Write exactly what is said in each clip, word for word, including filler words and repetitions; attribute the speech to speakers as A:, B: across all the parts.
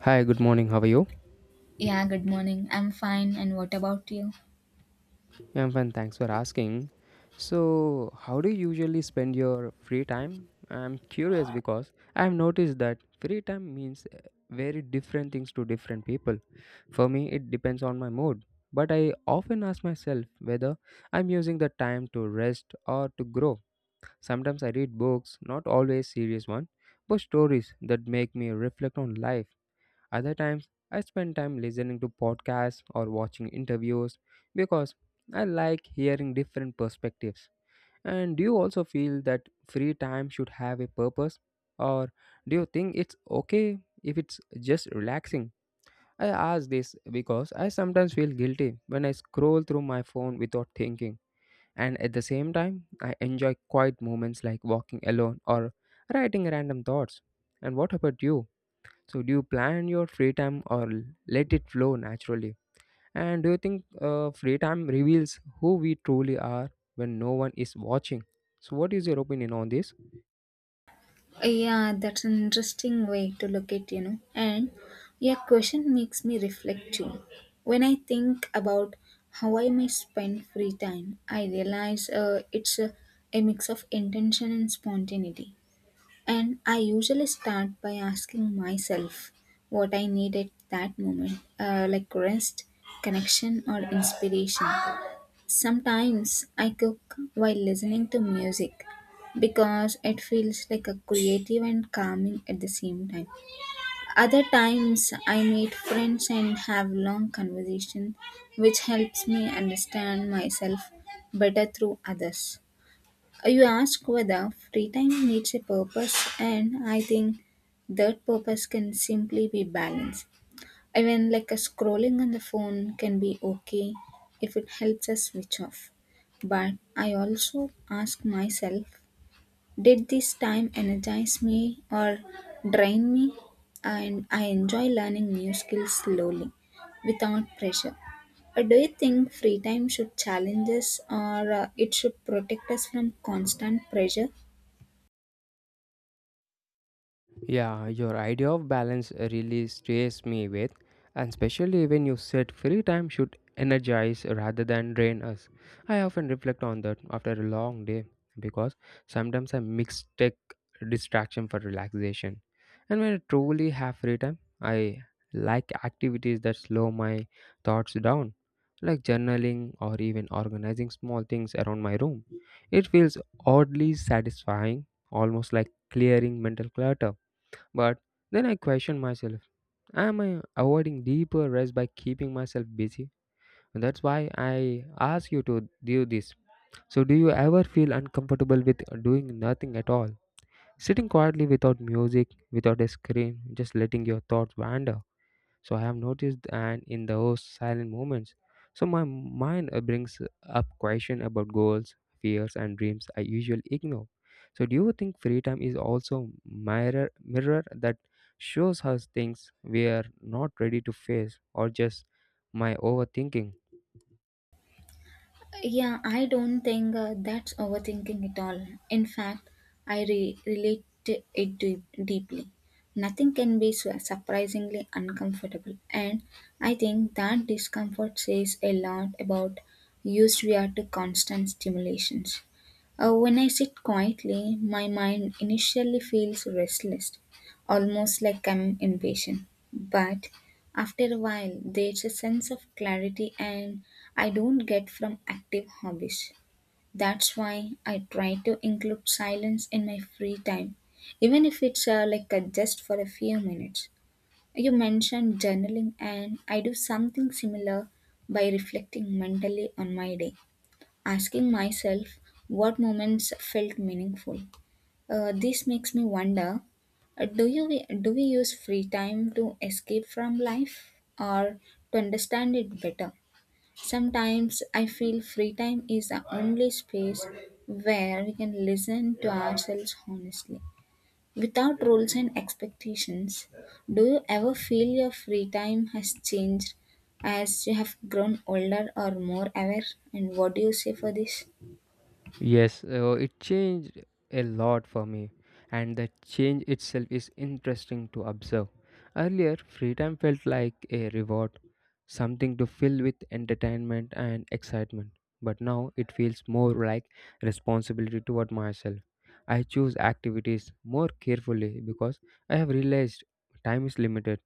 A: Hi, good morning. How are you?
B: Yeah, good morning. I'm fine. And what about you?
A: Yeah, I'm fine. Thanks for asking. So, how do you usually spend your free time? I'm curious because I've noticed that free time means uh, very different things to different people. For me, it depends on my mood, but I often ask myself whether I'm using the time to rest or to grow. Sometimes I read books, not always serious ones, but stories that make me reflect on life. Other times, I spend time listening to podcasts or watching interviews because I like hearing different perspectives. And do you also feel that free time should have a purpose? Or do you think it's okay if it's just relaxing? I ask this because I sometimes feel guilty when I scroll through my phone without thinking. And at the same time, I enjoy quiet moments like walking alone or writing random thoughts. And what about you? So, do you plan your free time or l- let it flow naturally? And do you think uh, free time reveals who we truly are when no one is watching? So, what is your opinion on this?
B: Yeah, that's an interesting way to look at, you know. And your question makes me reflect too. When I think about how I may spend free time, I realize uh, it's a, a mix of intention and spontaneity. And I usually start by asking myself what I need at that moment, uh, like rest, connection, or inspiration. Sometimes I cook while listening to music because it feels like a creative and calming at the same time. Other times I meet friends and have long conversation which helps me understand myself better through others. You ask whether free time needs a purpose and I think that purpose can simply be balance even like a scrolling on the phone can be okay if it helps us switch off. But I also ask myself, did this time energize me or drain me? And I enjoy learning new skills slowly without pressure. Uh, Do you think free time should challenge us or uh, it should protect us from constant pressure?
A: Yeah, your idea of balance really stays me with, and especially when you said free time should energize rather than drain us. I often reflect on that after a long day because sometimes I mix tech distraction for relaxation. And when I truly have free time, I like activities that slow my thoughts down, like journaling or even organizing small things around my room. It feels oddly satisfying, almost like clearing mental clutter, but then I question myself: Am I avoiding deeper rest by keeping myself busy? And that's why I ask you to do this. So, do you ever feel uncomfortable with doing nothing at all? Sitting quietly without music, without a screen, just letting your thoughts wander? So I have noticed, and in those silent moments, so my mind uh, brings up question about goals, fears and dreams I usually ignore. So do you think free time is also mirror mirror that shows us things we are not ready to face, or just my overthinking?
B: Yeah, I don't think uh, that's overthinking at all. In fact, I re- relate to it deep- deeply. Nothing can be su- surprisingly uncomfortable, and I think that discomfort says a lot about used we are to constant stimulations. Uh, when I sit quietly, my mind initially feels restless, almost like I'm impatient. But after a while, there's a sense of clarity and I don't get from active hobbies. That's why I try to include silence in my free time, even if it's uh, like uh, just for a few minutes. You mentioned journaling, and I do something similar by reflecting mentally on my day, asking myself what moments felt meaningful. Uh, this makes me wonder, uh, do, you, do we use free time to escape from life or to understand it better? Sometimes I feel free time is the only space where we can listen to ourselves honestly. Without rules and expectations, do you ever feel your free time has changed as you have grown older or more aware? And what do you say for this?
A: Yes, uh, it changed a lot for me, and the change itself is interesting to observe. Earlier, free time felt like a reward, something to fill with entertainment and excitement, but now it feels more like responsibility toward myself. I choose activities more carefully because I have realized time is limited,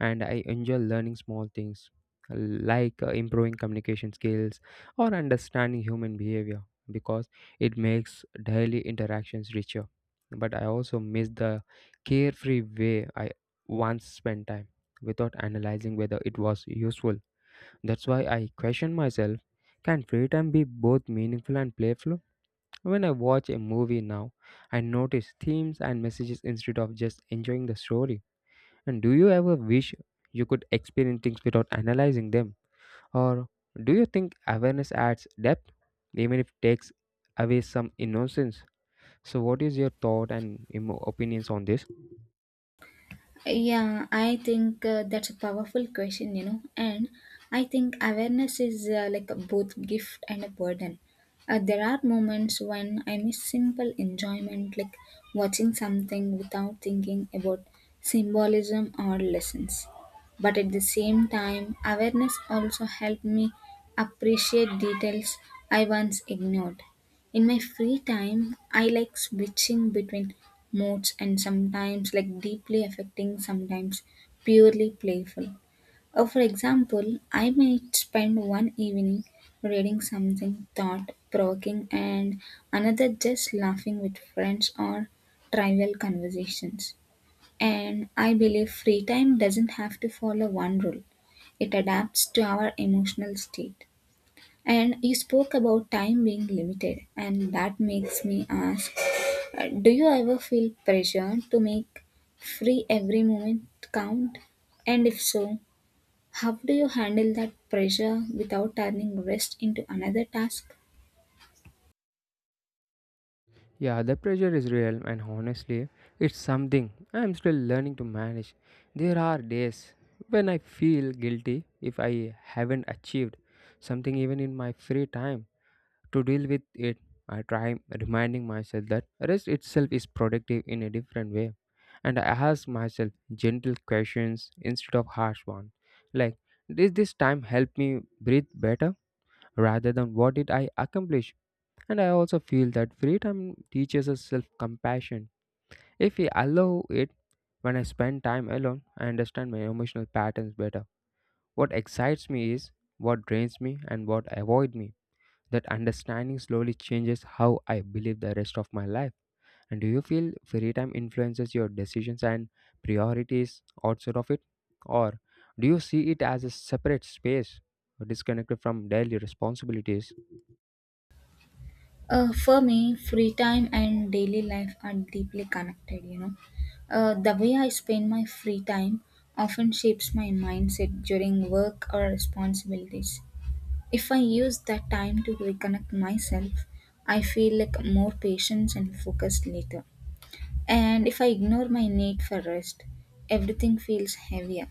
A: and I enjoy learning small things like uh, improving communication skills or understanding human behavior because it makes daily interactions richer. But I also miss the carefree way I once spent time without analyzing whether it was useful. That's why I question myself: can free time be both meaningful and playful? When I watch a movie now, I notice themes and messages instead of just enjoying the story. And do you ever wish you could experience things without analyzing them? Or do you think awareness adds depth, even if it takes away some innocence? So, what is your thought and emo- opinions on this?
B: Yeah, I think uh, that's a powerful question, you know, and I think awareness is uh, like a both gift and a burden. Uh, there are moments when I miss simple enjoyment, like watching something without thinking about symbolism or lessons. But at the same time, awareness also helped me appreciate details I once ignored. In my free time, I like switching between modes and sometimes like deeply affecting, sometimes purely playful. Uh, for example, I might spend one evening reading something thought provoking and another just laughing with friends or trivial conversations. And I believe free time doesn't have to follow one rule, it adapts to our emotional state. And you spoke about time being limited, and that makes me ask, uh, do you ever feel pressure to make free every moment count? And if so, how do you handle that pressure without turning rest into another task?
A: Yeah, the pressure is real, and honestly, it's something I'm still learning to manage. There are days when I feel guilty if I haven't achieved something even in my free time. To deal with it, I try reminding myself that rest itself is productive in a different way. And I ask myself gentle questions instead of harsh ones, like, did this time help me breathe better, rather than what did I accomplish? And I also feel that free time teaches us self compassion. If we allow it, when I spend time alone, I understand my emotional patterns better. What excites me is what drains me and what avoid me. That understanding slowly changes how I believe the rest of my life. And do you feel free time influences your decisions and priorities outside of it? Or do you see it as a separate space disconnected from daily responsibilities?
B: Uh, for me, free time and daily life are deeply connected, you know. Uh, the way I spend my free time often shapes my mindset during work or responsibilities. If I use that time to reconnect myself, I feel like more patient and focused later. And if I ignore my need for rest, everything feels heavier.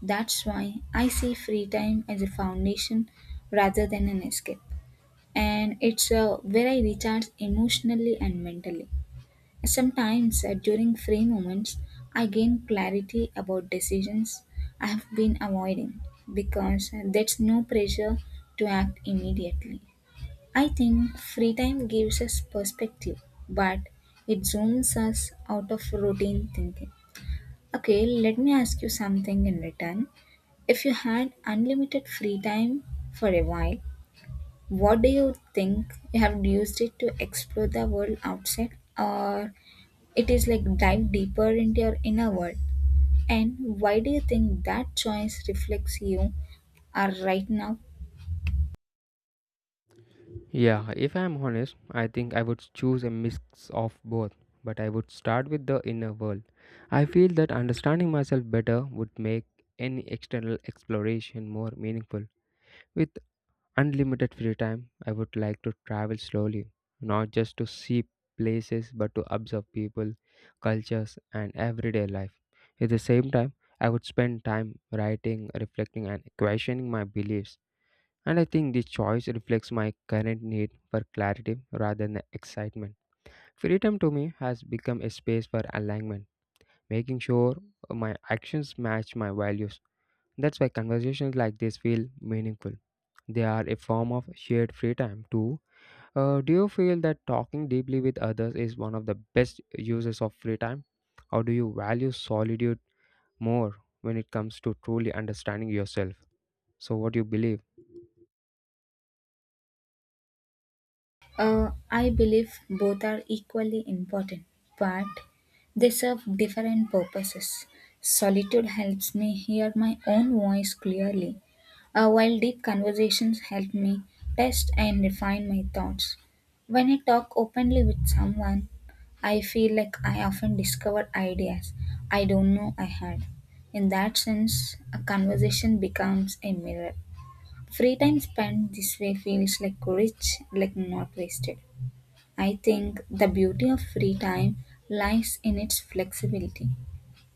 B: That's why I see free time as a foundation rather than an escape. And it's uh, where I recharge emotionally and mentally. Sometimes uh, during free moments, I gain clarity about decisions I have been avoiding because uh, there's no pressure to act immediately. I think free time gives us perspective, but it zooms us out of routine thinking. Okay, let me ask you something in return. If you had unlimited free time for a while, what do you think you have used it to explore the world outside, or it is like dive deeper into your inner world? And why do you think that choice reflects you are right now?
A: Yeah, if I'm honest, I think I would choose a mix of both, but I would start with the inner world. I feel that understanding myself better would make any external exploration more meaningful. With unlimited free time, I would like to travel slowly, not just to see places but to observe people, cultures, and everyday life. At the same time, I would spend time writing, reflecting, and questioning my beliefs. And I think this choice reflects my current need for clarity rather than excitement. Freedom to me has become a space for alignment, making sure my actions match my values. That's why conversations like this feel meaningful. They are a form of shared free time too. Uh, do you feel that talking deeply with others is one of the best uses of free time? Or do you value solitude more when it comes to truly understanding yourself? So, what do you believe?
B: Uh, I believe both are equally important, but they serve different purposes. Solitude helps me hear my own voice clearly, uh, while deep conversations help me test and refine my thoughts. When I talk openly with someone, I feel like I often discover ideas I don't know I had. In that sense, a conversation becomes a mirror. Free time spent this way feels like rich, like not wasted. I think the beauty of free time lies in its flexibility.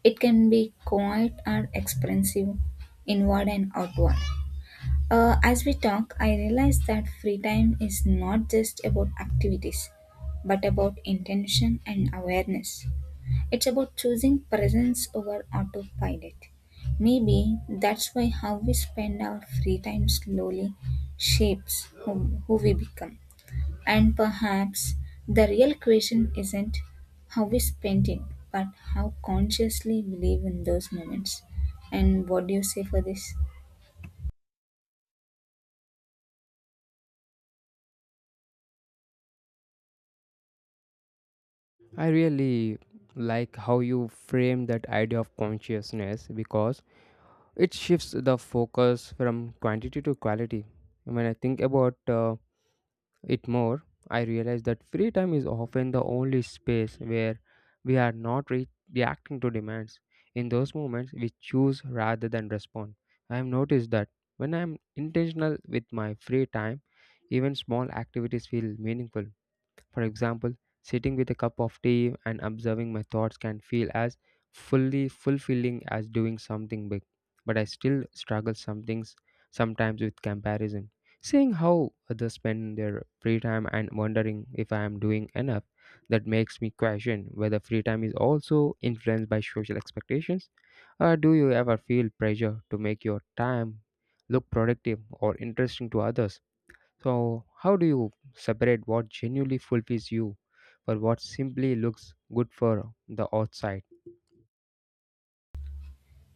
B: It can be quiet or expressive, inward and outward. Uh, as we talk, I realize that free time is not just about activities, but about intention and awareness. It's about choosing presence over autopilot. Maybe that's why how we spend our free time slowly shapes who, who we become. And perhaps the real question isn't how we spend it, but how consciously we live in those moments. And what do you say for this?
A: I really like how you frame that idea of consciousness because it shifts the focus from quantity to quality. When I think about uh, it more, I realize that free time is often the only space where we are not re- reacting to demands. In those moments, we choose rather than respond. I have noticed that when I am intentional with my free time, even small activities feel meaningful. For example, sitting with a cup of tea and observing my thoughts can feel as fully fulfilling as doing something big. But I still struggle some things sometimes with comparison. Seeing how others spend their free time and wondering if I am doing enough, that makes me question whether free time is also influenced by social expectations. Or do you ever feel pressure to make your time look productive or interesting to others? So, how do you separate what genuinely fulfills you for what simply looks good for the outside?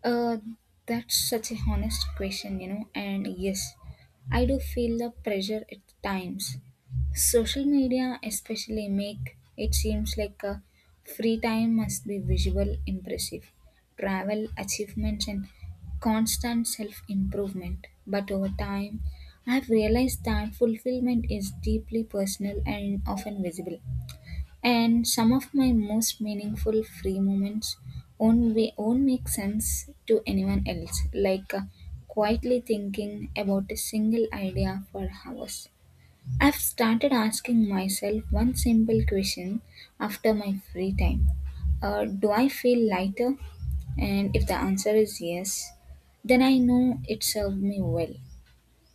B: Uh, that's such a honest question, you know, and yes, I do feel the pressure at times. Social media especially make it seems like a free time must be visual impressive, travel achievements and constant self-improvement. But over time, I've realized that fulfillment is deeply personal and often visible and some of my most meaningful free moments won't, be, won't make sense to anyone else, like uh, quietly thinking about a single idea for hours. I've started asking myself one simple question after my free time. uh, Do I feel lighter? And if the answer is yes, then I know it served me well.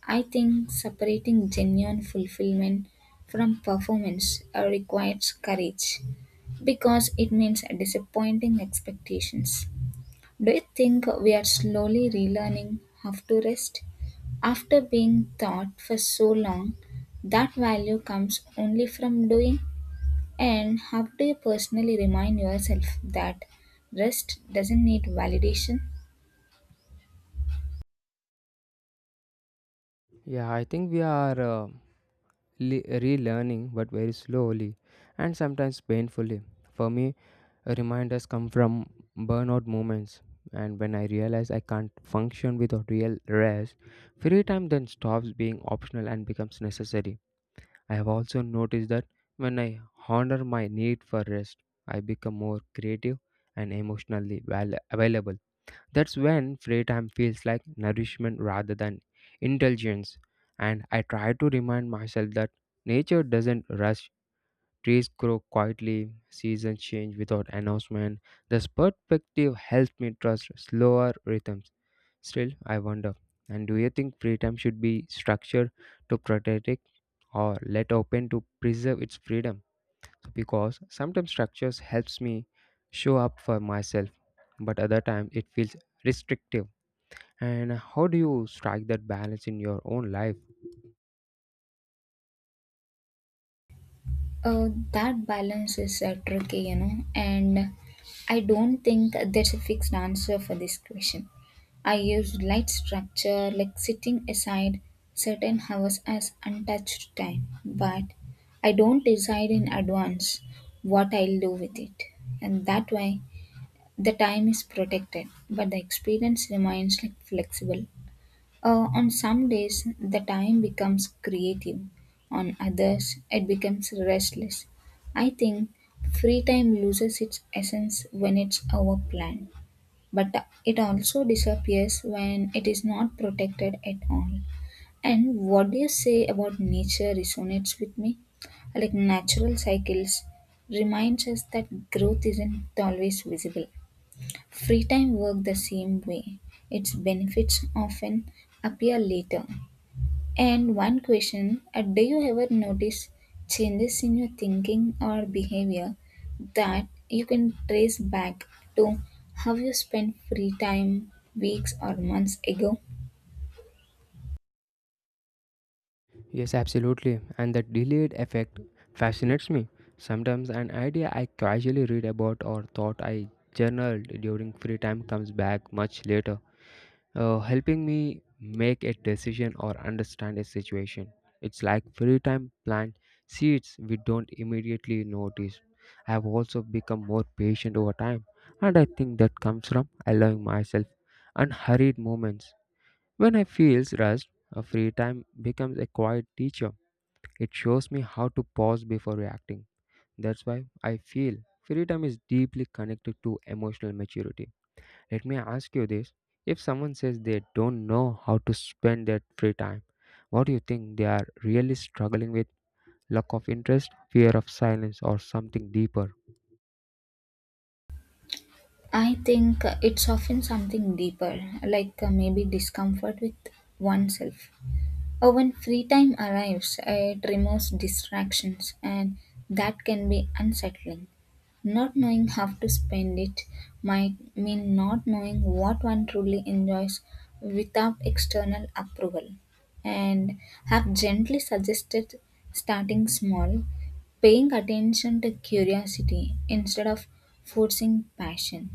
B: I think separating genuine fulfillment from performance uh, requires courage because it means disappointing expectations. Do you think we are slowly relearning how to rest after being taught for so long that value comes only from doing? And how do you personally remind yourself that rest doesn't need validation?
A: Yeah, I think we are uh, le- relearning, but very slowly and sometimes painfully. For me, reminders come from burnout moments, and when I realize I can't function without real rest, free time then stops being optional and becomes necessary. I have also noticed that when I honor my need for rest, I become more creative and emotionally val- available. That's when free time feels like nourishment rather than indulgence. And I try to remind myself that nature doesn't rush. Trees grow quietly, seasons change without announcement. This perspective helps me trust slower rhythms. Still, I wonder. And do you think free time should be structured to protect it, or let open to preserve its freedom, because sometimes structures helps me show up for myself, but other times it feels restrictive? And how do you strike that balance in your own life?
B: Uh, that balance is uh, tricky, you know, and I don't think there's a fixed answer for this question. I use light structure, like sitting aside certain hours as untouched time, but I don't decide in advance what I'll do with it, and that way the time is protected, but the experience remains like flexible. Uh, on some days, the time becomes creative, on others, it becomes restless. I think free time loses its essence when it's overplanned, but it also disappears when it is not protected at all. And what do you say about nature resonates with me? Like natural cycles reminds us that growth isn't always visible. Free time work the same way. Its benefits often appear later, and one question, uh, do you ever notice changes in your thinking or behavior that you can trace back to how you spent free time weeks or months ago?
A: Yes, absolutely. And the delayed effect fascinates me. Sometimes an idea I casually read about or thought I journaled during free time comes back much later, uh, helping me make a decision or understand a situation. It's like free time plant seeds we don't immediately notice. I have also become more patient over time, and I think that comes from allowing myself unhurried moments. When I feel rushed, a free time becomes a quiet teacher. It shows me how to pause before reacting. That's why I feel free time is deeply connected to emotional maturity. Let me ask you this. If someone says they don't know how to spend their free time, what do you think they are really struggling with? Lack of interest, fear of silence, or something deeper?
B: I think it's often something deeper, like uh, maybe discomfort with oneself. Or when free time arrives, it removes distractions, and that can be unsettling. Not knowing how to spend it might mean not knowing what one truly enjoys without external approval. And have gently suggested starting small, paying attention to curiosity instead of forcing passion.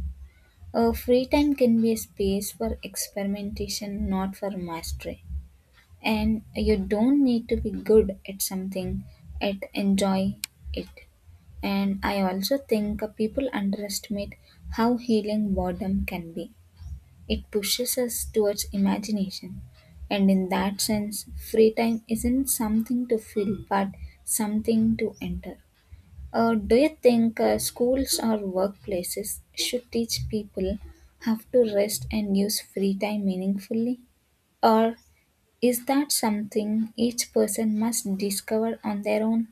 B: Uh, free time can be a space for experimentation, not for mastery. And you don't need to be good at something, at enjoy it. And I also think uh, people underestimate how healing boredom can be. It pushes us towards imagination. And in that sense, free time isn't something to fill, but something to enter. Uh, do you think uh, schools or workplaces should teach people how to rest and use free time meaningfully? Or is that something each person must discover on their own?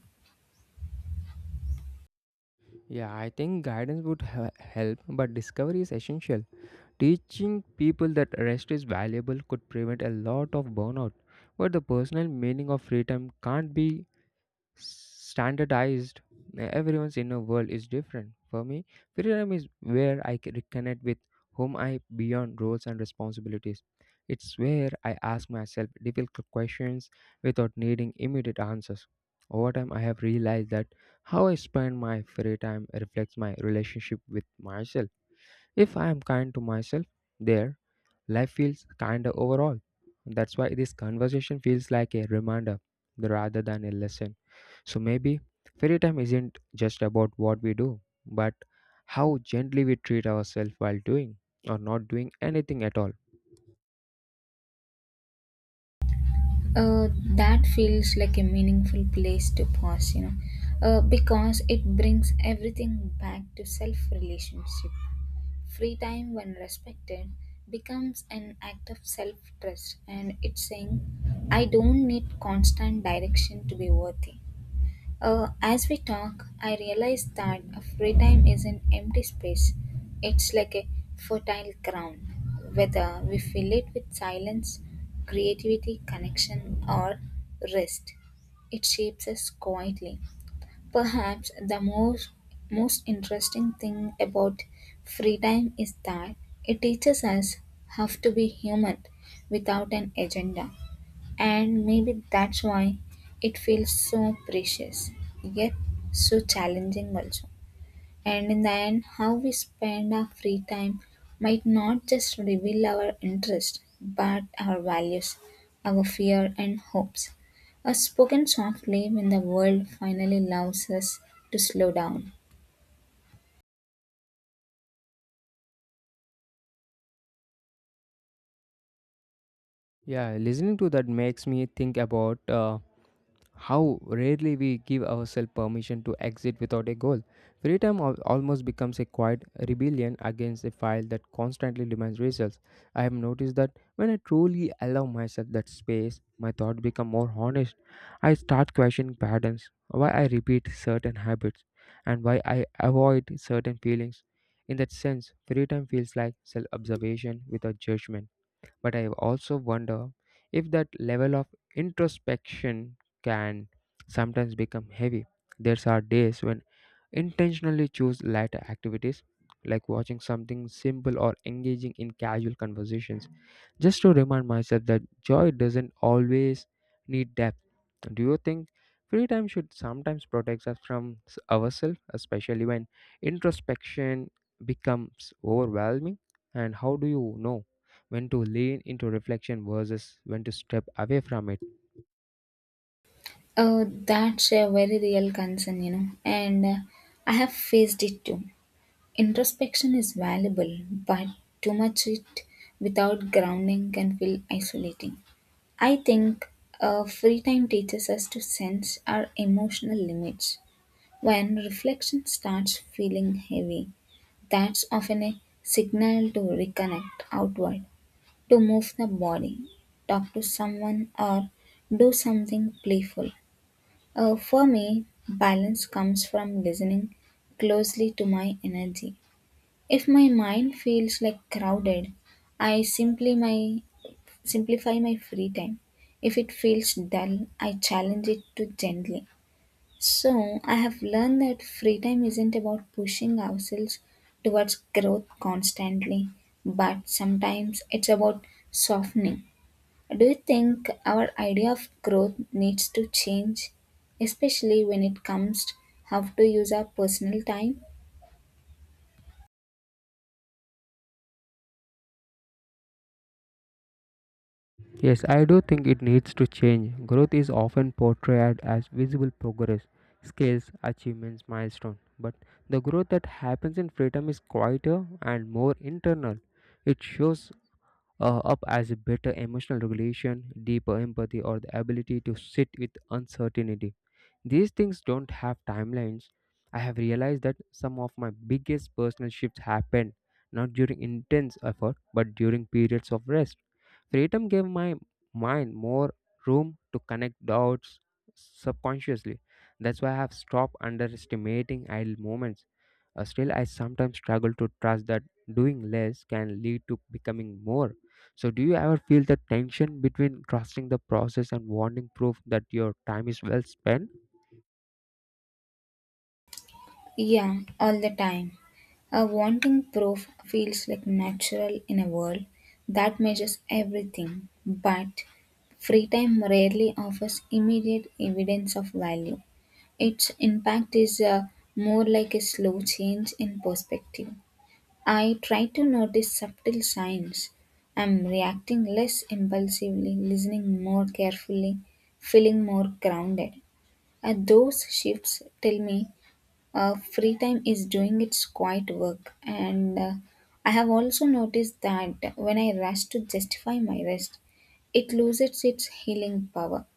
A: Yeah, I think guidance would he- help, but discovery is essential. Teaching people that rest is valuable could prevent a lot of burnout, but the personal meaning of free time can't be standardized. Everyone's inner world is different. For me, freedom is where I can reconnect with whom I beyond roles and responsibilities. It's where I ask myself difficult questions without needing immediate answers. Over time, I have realized that how I spend my free time reflects my relationship with myself. If I am kind to myself, there life feels kinder overall. That's why this conversation feels like a reminder rather than a lesson. So maybe fairy time isn't just about what we do, but how gently we treat ourselves while doing or not doing anything at all.
B: uh, that feels like a meaningful place to pause, you know, uh, because it brings everything back to self relationship. Free time, when respected, becomes an act of self trust, and it's saying, I don't need constant direction to be worthy. Uh, as we talk, I realize that a free time is an empty space. It's like a fertile ground, whether we fill it with silence, creativity, connection, or rest. It shapes us quietly. Perhaps the most most interesting thing about free time is that it teaches us how to be human without an agenda. And maybe that's why it feels so precious, yet so challenging also. And in the end, how we spend our free time might not just reveal our interest, but our values, our fear and hopes. Are spoken softly when the world finally allows us to slow down.
A: Yeah, listening to that makes me think about uh, how rarely we give ourselves permission to exit without a goal. Free time al- almost becomes a quiet rebellion against a file that constantly demands results. I have noticed that when I truly allow myself that space, my thoughts become more honest. I start questioning patterns, why I repeat certain habits, and why I avoid certain feelings. In that sense, free time feels like self observation without judgment. But I also wonder if that level of introspection can sometimes become heavy. There are days when intentionally choose lighter activities like watching something simple or engaging in casual conversations just to remind myself that joy doesn't always need depth. Do you think free time should sometimes protect us from s- ourselves, especially when introspection becomes overwhelming? And how do you know when to lean into reflection versus when to step away from it?
B: Oh, that's a very real concern, you know, and uh, I have faced it too. Introspection is valuable, but too much it without grounding can feel isolating. I think uh, free time teaches us to sense our emotional limits. When reflection starts feeling heavy, that's often a signal to reconnect outward, to move the body, talk to someone, or do something playful. Uh, for me, balance comes from listening closely to my energy if my mind feels like crowded, I simply my simplify my free time. If it feels dull, I challenge it to gently. So I have learned that free time isn't about pushing ourselves towards growth constantly, but sometimes it's about softening. Do you think our idea of growth needs to change, especially when it comes to how to use our personal time?
A: Yes, I do think it needs to change. Growth is often portrayed as visible progress, scales, achievements, milestones. But the growth that happens in freedom is quieter and more internal. It shows uh, up as a better emotional regulation, deeper empathy, or the ability to sit with uncertainty. These things don't have timelines. I have realized that some of my biggest personal shifts happened not during intense effort but during periods of rest. Freedom gave my mind more room to connect dots subconsciously. That's why I have stopped underestimating idle moments. Uh, still, I sometimes struggle to trust that doing less can lead to becoming more. So, do you ever feel the tension between trusting the process and wanting proof that your time is well spent?
B: Yeah, all the time. A wanting proof feels like natural in a world that measures everything, but free time rarely offers immediate evidence of value. Its impact is uh, more like a slow change in perspective. I try to notice subtle signs. I'm reacting less impulsively, listening more carefully, feeling more grounded. Uh, those shifts tell me uh, free time is doing its quiet work, and uh, I have also noticed that when I rush to justify my rest, it loses its healing power,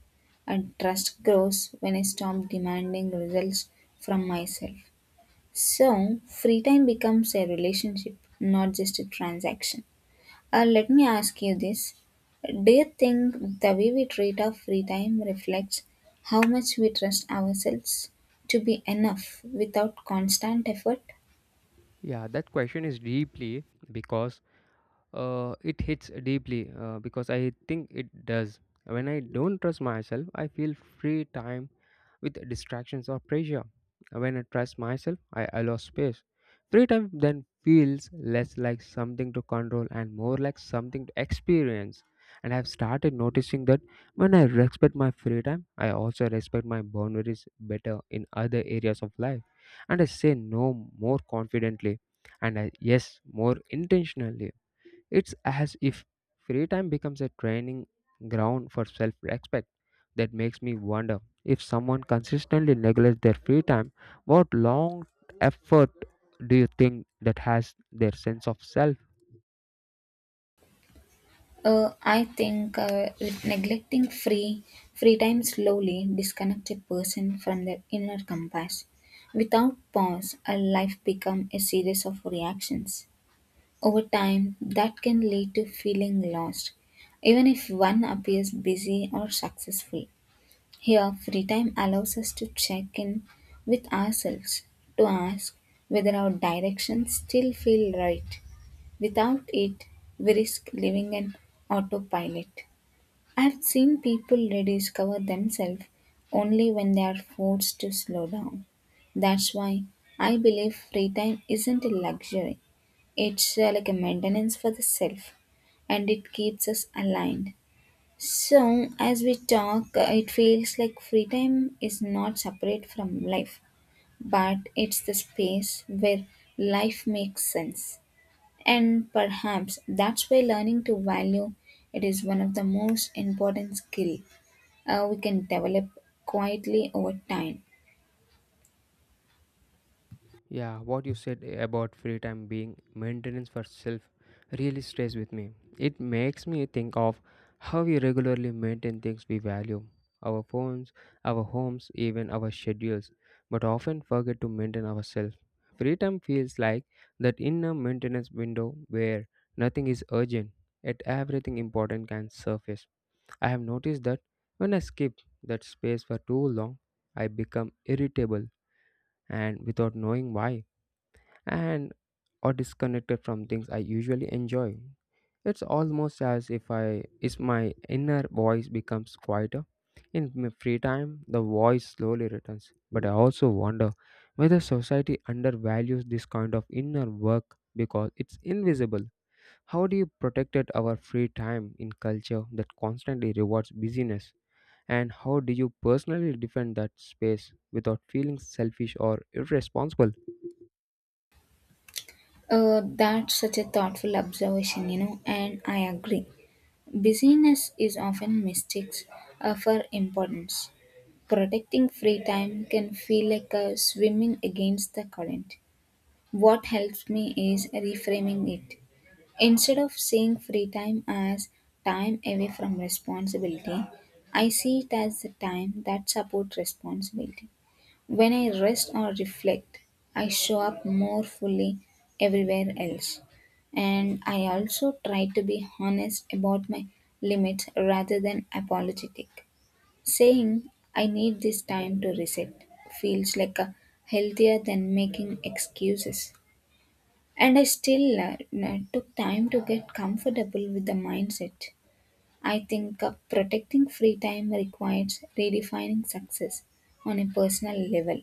B: and trust grows when I stop demanding results from myself. So free time becomes a relationship, not just a transaction. Uh, let me ask you this. Do you think the way we treat our free time reflects how much we trust ourselves to be enough without constant effort?
A: Yeah, that question is deeply because Uh, it hits deeply, uh, because I think it does. When I don't trust myself, I feel free time with distractions or pressure. When I trust myself, I allow space. Free time then feels less like something to control and more like something to experience. And I've started noticing that when I respect my free time, I also respect my boundaries better in other areas of life. And I say no more confidently and I, yes, more intentionally. It's as if free time becomes a training ground for self respect. That makes me wonder, if someone consistently neglects their free time, what long effort do you think that has their sense of self?
B: Uh, I think uh, with neglecting free free time slowly disconnects a person from their inner compass. Without pause, a life becomes a series of reactions. Over time, that can lead to feeling lost, even if one appears busy or successful. Here, free time allows us to check in with ourselves, to ask whether our directions still feel right. Without it, we risk living an autopilot. I've seen people rediscover themselves only when they are forced to slow down. That's why I believe free time isn't a luxury, it's uh, like a maintenance for the self, and it keeps us aligned. So, as we talk, it feels like freedom is not separate from life, but it's the space where life makes sense. And perhaps that's why learning to value it is one of the most important skill uh, we can develop quietly over time.
A: Yeah, what you said about free time being maintenance for self really stays with me. It makes me think of how we regularly maintain things we value, our phones, our homes, even our schedules, but often forget to maintain ourselves. Free time feels like that inner maintenance window where nothing is urgent, yet everything important can surface. I have noticed that when I skip that space for too long, I become irritable and without knowing why, and or disconnected from things I usually enjoy. It's almost as if I if my inner voice becomes quieter. In my free time, the voice slowly returns. But I also wonder whether society undervalues this kind of inner work because it's invisible. How do you protect it, our free time in culture that constantly rewards busyness? And how do you personally defend that space without feeling selfish or irresponsible?
B: Uh, that's such a thoughtful observation, you know, and I agree. Busyness is often mistakes uh, for importance. Protecting free time can feel like a swimming against the current. What helps me is reframing it. Instead of seeing free time as time away from responsibility, I see it as the time that supports responsibility. When I rest or reflect, I show up more fully everywhere else. And I also try to be honest about my limits rather than apologetic. Saying, I need this time to reset, feels like a healthier than making excuses. And I still uh, n- took time to get comfortable with the mindset. I think uh, protecting free time requires redefining success on a personal level.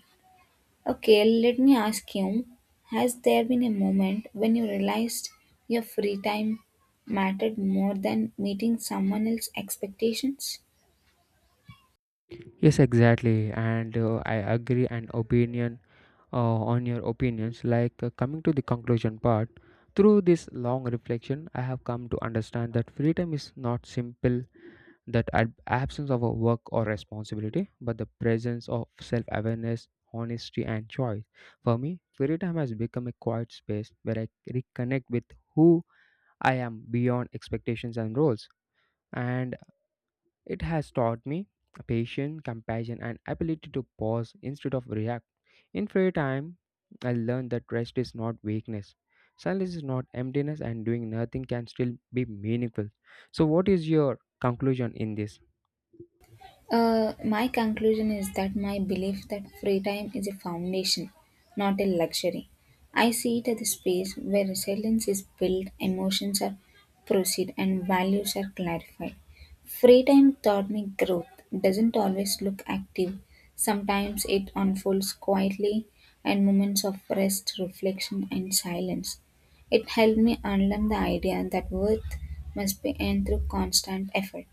B: Okay, let me ask you, has there been a moment when you realized your free time mattered more than meeting someone else's expectations?
A: Yes, exactly, and uh, I agree. An opinion uh, on your opinions, like, uh, coming to the conclusion part. Through this long reflection, I have come to understand that freedom is not simple, that ab- absence of a work or responsibility, but the presence of self-awareness, honesty, and choice. For me, freedom has become a quiet space where I reconnect with who I am beyond expectations and roles. And it has taught me patience, compassion, and ability to pause instead of react. In free time, I learned that rest is not weakness. Silence is not emptiness, and doing nothing can still be meaningful. So, what is your conclusion in this?
B: Uh, my conclusion is that my belief that free time is a foundation, not a luxury. I see it as a space where resilience is built, emotions are proceed, and values are clarified. Free time taught me growth doesn't always look active. Sometimes it unfolds quietly, and moments of rest, reflection, and silence. It helped me unlearn the idea that worth must be earned through constant effort.